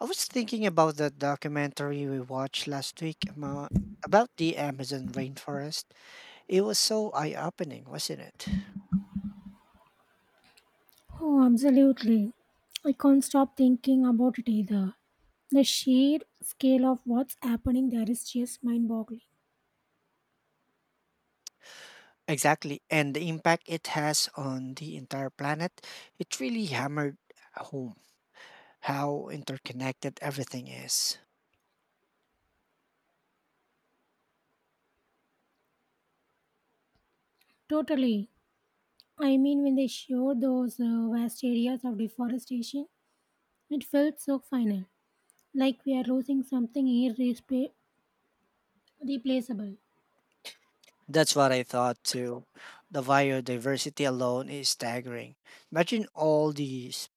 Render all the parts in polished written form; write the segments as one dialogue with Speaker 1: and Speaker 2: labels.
Speaker 1: I was thinking about that documentary we watched last week about the Amazon rainforest. It was so eye opening, wasn't it?
Speaker 2: Oh, absolutely. I can't stop thinking about it either. The sheer scale of what's happening there is just mind boggling.
Speaker 1: Exactly. And the impact it has on the entire planet, it really hammered home how interconnected everything is.
Speaker 2: Totally. I mean, when they showed those vast areas of deforestation, it felt so final, like we are losing something irreplaceable. Replaceable.
Speaker 1: That's what I thought too. The biodiversity alone is staggering. Imagine all the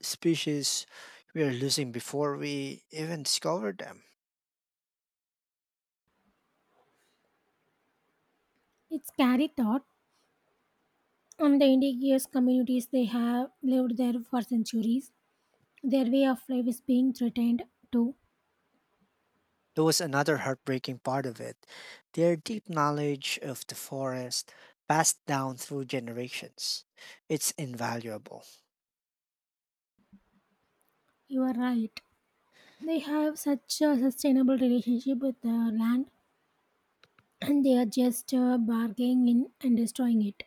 Speaker 1: species we are losing before we even discover them.
Speaker 2: It's scary thought. And the indigenous communities, they have lived there for centuries. Their way of life is being threatened too.
Speaker 1: That was another heartbreaking part of it. Their deep knowledge of the forest, passed down through generations, it's invaluable.
Speaker 2: You are right. They have such a sustainable relationship with the land, and they are just bargaining in and destroying it.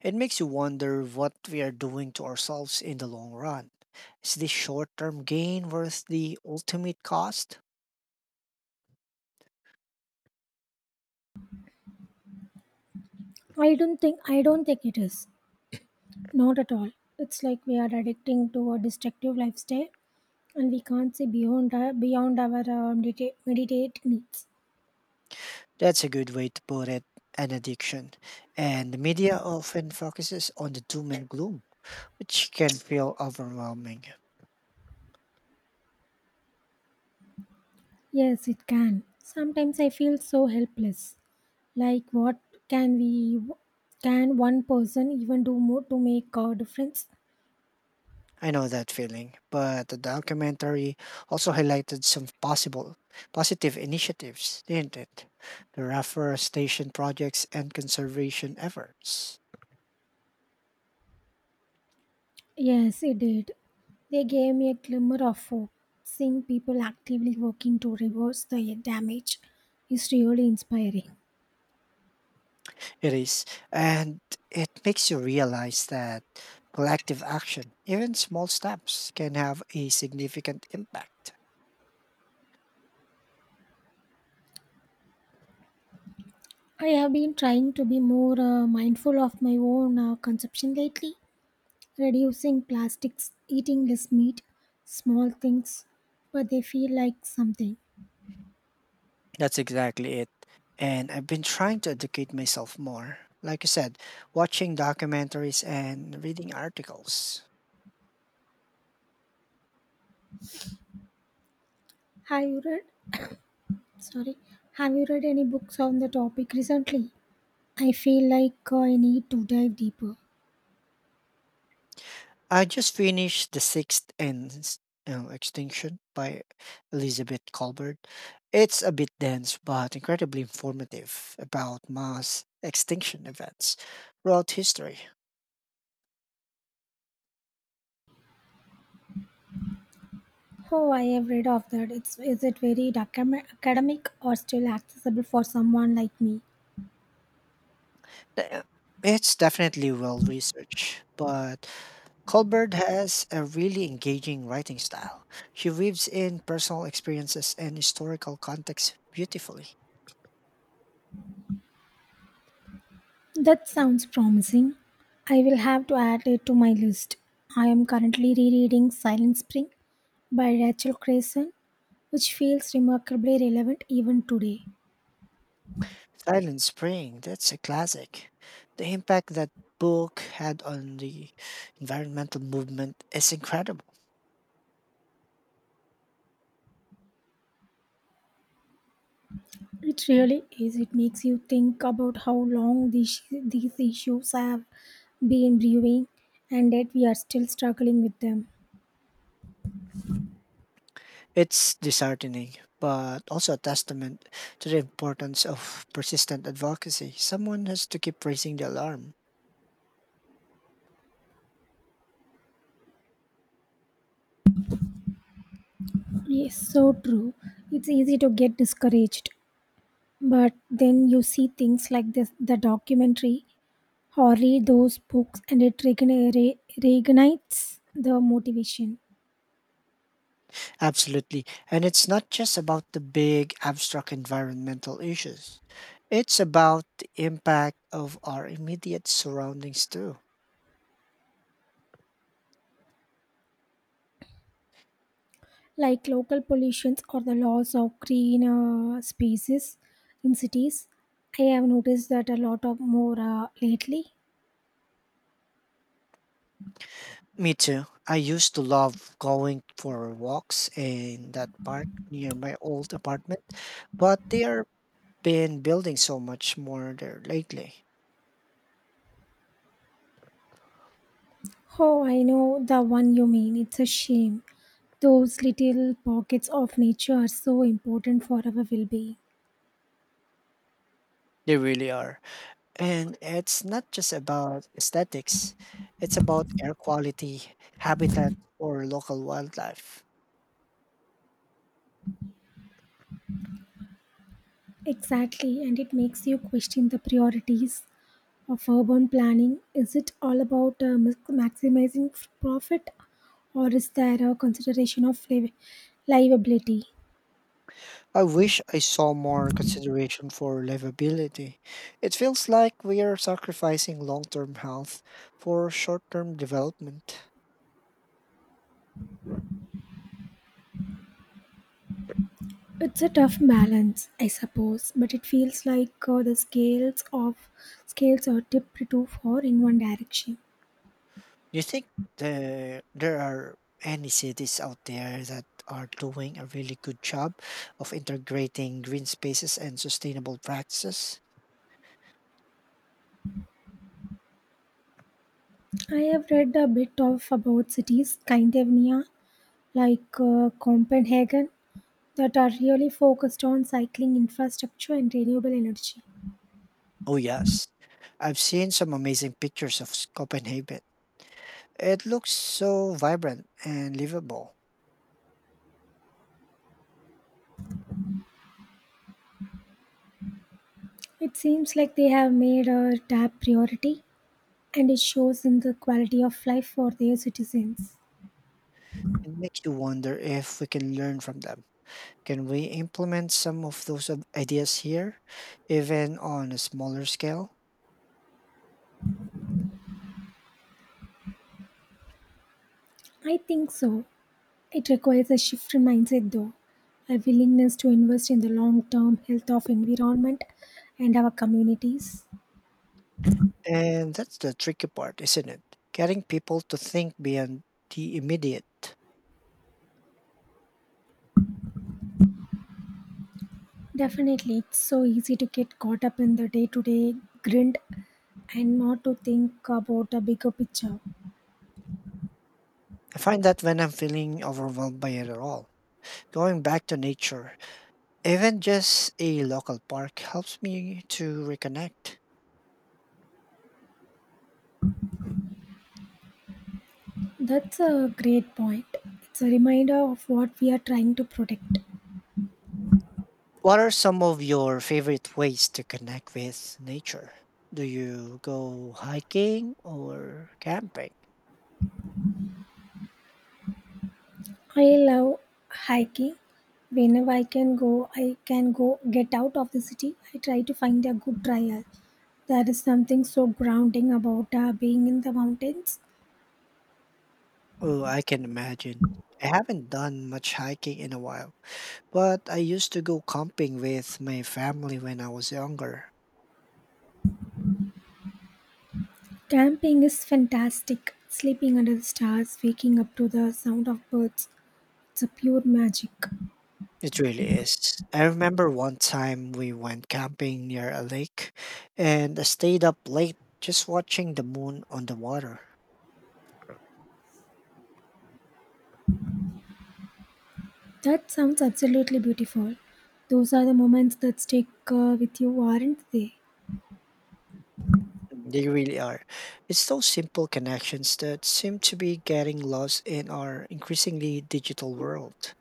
Speaker 1: It makes you wonder what we are doing to ourselves in the long run. Is this short term gain worth the ultimate cost?
Speaker 2: I don't think it is. Not at all. It's like we are addicting to a destructive lifestyle, and we can't see beyond our meditate needs.
Speaker 1: That's a good way to put it, an addiction. And the media often focuses on the doom and gloom, which can feel overwhelming.
Speaker 2: Yes, it can. Sometimes I feel so helpless, like what can we, can one person even do more to make a difference?
Speaker 1: I know that feeling, but the documentary also highlighted some possible positive initiatives, didn't it? The reforestation projects and conservation efforts.
Speaker 2: Yes, it did. They gave me a glimmer of hope. Seeing people actively working to reverse the damage is really inspiring.
Speaker 1: It is. And it makes you realize that collective action, even small steps, can have a significant impact.
Speaker 2: I have been trying to be more mindful of my own consumption lately, reducing plastics, eating less meat, small things, but they feel like something.
Speaker 1: That's exactly it. And I've been trying to educate myself more. Like I said, watching documentaries and reading articles.
Speaker 2: Have you read? Sorry, have you read any books on the topic recently? I feel like I need to dive deeper.
Speaker 1: I just finished The Sixth and Extinction by Elizabeth Colbert. It's a bit dense, but incredibly informative about mass extinction events throughout history.
Speaker 2: Oh, I have read of that. It's, is it very academic or still accessible for someone like me?
Speaker 1: Uh, It's definitely well researched, but Colbert has a really engaging writing style. She weaves in personal experiences and historical context beautifully.
Speaker 2: That sounds promising. I will have to add it to my list. I am currently rereading Silent Spring by Rachel Grayson, which feels remarkably relevant even today.
Speaker 1: Silent Spring, that's a classic. The impact that book had on the environmental movement is incredible.
Speaker 2: It really is. It makes you think about how long these issues have been brewing, and that we are still struggling with them.
Speaker 1: It's disheartening, but also a testament to the importance of persistent advocacy. Someone has to keep raising the alarm.
Speaker 2: Yes, so true. It's easy to get discouraged, but then you see things like this, the documentary, or read those books, and it reignites the motivation.
Speaker 1: Absolutely. And it's not just about the big abstract environmental issues, it's about the impact of our immediate surroundings too.
Speaker 2: Like local pollutions or the loss of green spaces in cities, I have noticed that a lot of more lately.
Speaker 1: Me too. I used to love going for walks in that park near my old apartment, but they are been building so much more there lately.
Speaker 2: Oh, I know the one you mean. It's a shame. Those little pockets of nature are so important for our well-being.
Speaker 1: They really are. And it's not just about aesthetics, it's about air quality, habitat, or local wildlife.
Speaker 2: Exactly, and it makes you question the priorities of urban planning. Is it all about maximizing profit, or is there a consideration of livability?
Speaker 1: I wish I saw more consideration for livability. It feels like we are sacrificing long term health for short term development.
Speaker 2: It's a tough balance, I suppose, but it feels like the scales of scales are tipped too far in one direction.
Speaker 1: Do you think there are any cities out there that are doing a really good job of integrating green spaces and sustainable practices?
Speaker 2: I have read a bit of about cities, Scandinavia, like Copenhagen, that are really focused on cycling infrastructure and renewable energy.
Speaker 1: Oh, yes. I've seen some amazing pictures of Copenhagen. It looks so vibrant and livable.
Speaker 2: It seems like they have made a top priority, and it shows in the quality of life for their citizens.
Speaker 1: It makes you wonder if we can learn from them. Can we implement some of those ideas here, even on a smaller scale?
Speaker 2: I think so. It requires a shift in mindset though, a willingness to invest in the long-term health of environment and our communities.
Speaker 1: And that's the tricky part, isn't it? Getting people to think beyond the immediate.
Speaker 2: Definitely, it's so easy to get caught up in the day-to-day grind and not to think about a bigger picture.
Speaker 1: I find that when I'm feeling overwhelmed by it at all, going back to nature, even just a local park, helps me to reconnect.
Speaker 2: That's a great point. It's a reminder of what we are trying to protect.
Speaker 1: What are some of your favorite ways to connect with nature? Do you go hiking or camping?
Speaker 2: I love hiking. Whenever I can go get out of the city. I try to find a good trail. There is something so grounding about being in the mountains.
Speaker 1: Oh, I can imagine. I haven't done much hiking in a while, but I used to go camping with my family when I was younger.
Speaker 2: Camping is fantastic. Sleeping under the stars, waking up to the sound of birds. It's a pure magic.
Speaker 1: It really is. I remember one time we went camping near a lake and I stayed up late just watching the moon on the water.
Speaker 2: That sounds absolutely beautiful. Those are the moments that stick with you, aren't they?
Speaker 1: They really are. It's those simple connections that seem to be getting lost in our increasingly digital world.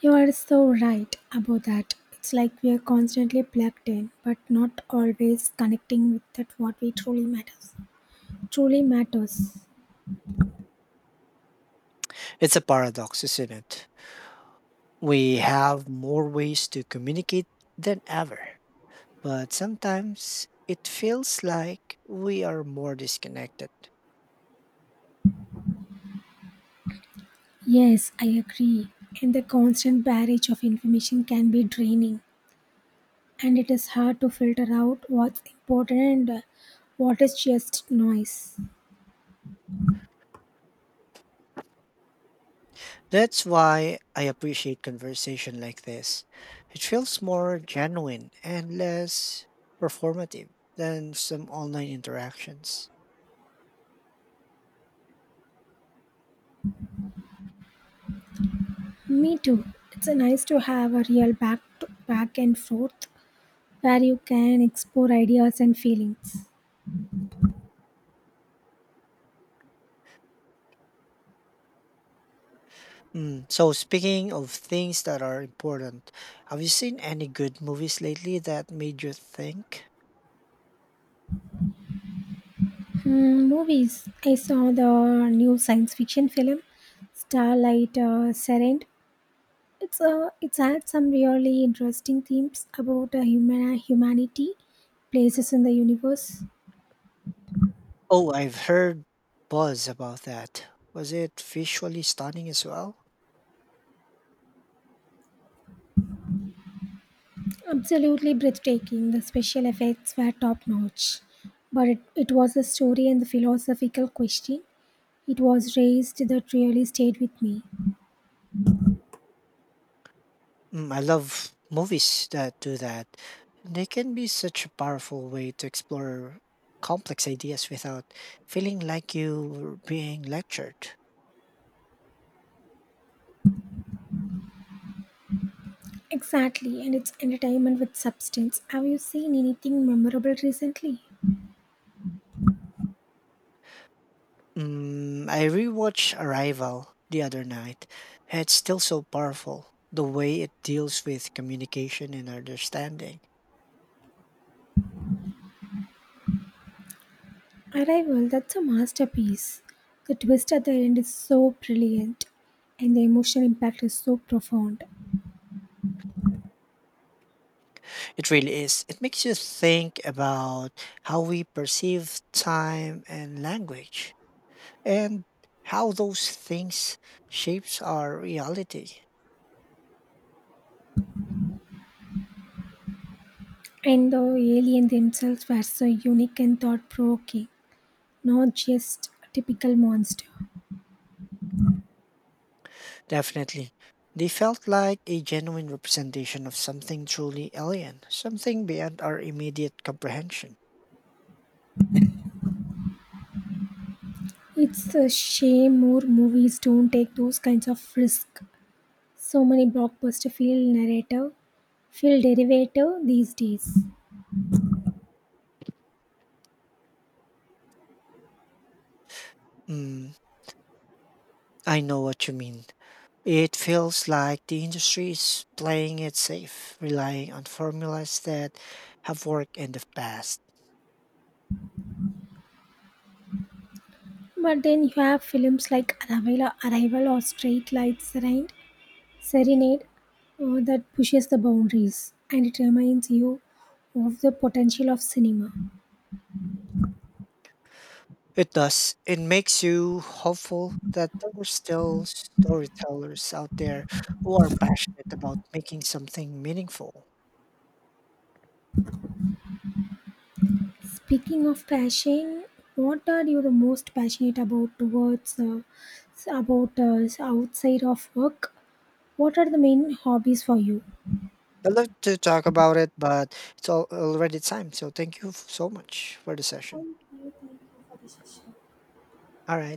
Speaker 2: You are so right about that. It's like we are constantly plugged in, but not always connecting with that what we truly matters.
Speaker 1: It's a paradox, isn't it? We have more ways to communicate than ever, but sometimes it feels like we are more disconnected.
Speaker 2: Yes, I agree. And the constant barrage of information can be draining, and it is hard to filter out what's important and what is just noise.
Speaker 1: That's why I appreciate conversation like this. It feels more genuine and less performative than some online interactions.
Speaker 2: Me too. It's nice to have a real back to back and forth where you can explore ideas and feelings.
Speaker 1: Mm, so, speaking of things that are important, have you seen any good movies lately that made you think?
Speaker 2: Mm, movies. I saw the new science fiction film, Starlight Serend. It's had some really interesting themes about humanity, places in the universe.
Speaker 1: Oh, I've heard buzz about that. Was it visually stunning as well?
Speaker 2: Absolutely breathtaking. The special effects were top notch, but it was the story and the philosophical question it was raised that really stayed with me.
Speaker 1: Mm, I love movies that do that. They can be such a powerful way to explore complex ideas without feeling like you're being lectured.
Speaker 2: Exactly, and it's entertainment with substance. Have you seen anything memorable recently?
Speaker 1: Mm, I rewatched Arrival the other night. It's still so powerful, the way it deals with communication and understanding.
Speaker 2: Arrival, that's a masterpiece. The twist at the end is so brilliant, and the emotional impact is so profound.
Speaker 1: It really is. It makes you think about how we perceive time and language and how those things shapes our reality.
Speaker 2: And the alien themselves were so unique and thought provoking, not just a typical monster.
Speaker 1: Definitely. They felt like a genuine representation of something truly alien, something beyond our immediate comprehension.
Speaker 2: It's a shame more movies don't take those kinds of risks. So many blockbuster feel narrative, feel derivative these days.
Speaker 1: Mm, I know what you mean. It feels like the industry is playing it safe, relying on formulas that have worked in the past.
Speaker 2: But then you have films like Arrival or Straight Lights, right? Serenade, that pushes the boundaries, and it reminds you of the potential of cinema.
Speaker 1: It does. It makes you hopeful that there are still storytellers out there who are passionate about making something meaningful.
Speaker 2: Speaking of passion, what are you the most passionate about towards s- about outside of work? What are the main hobbies for you?
Speaker 1: I'd love to talk about it, but it's all already time. So thank you so much for the session. All right.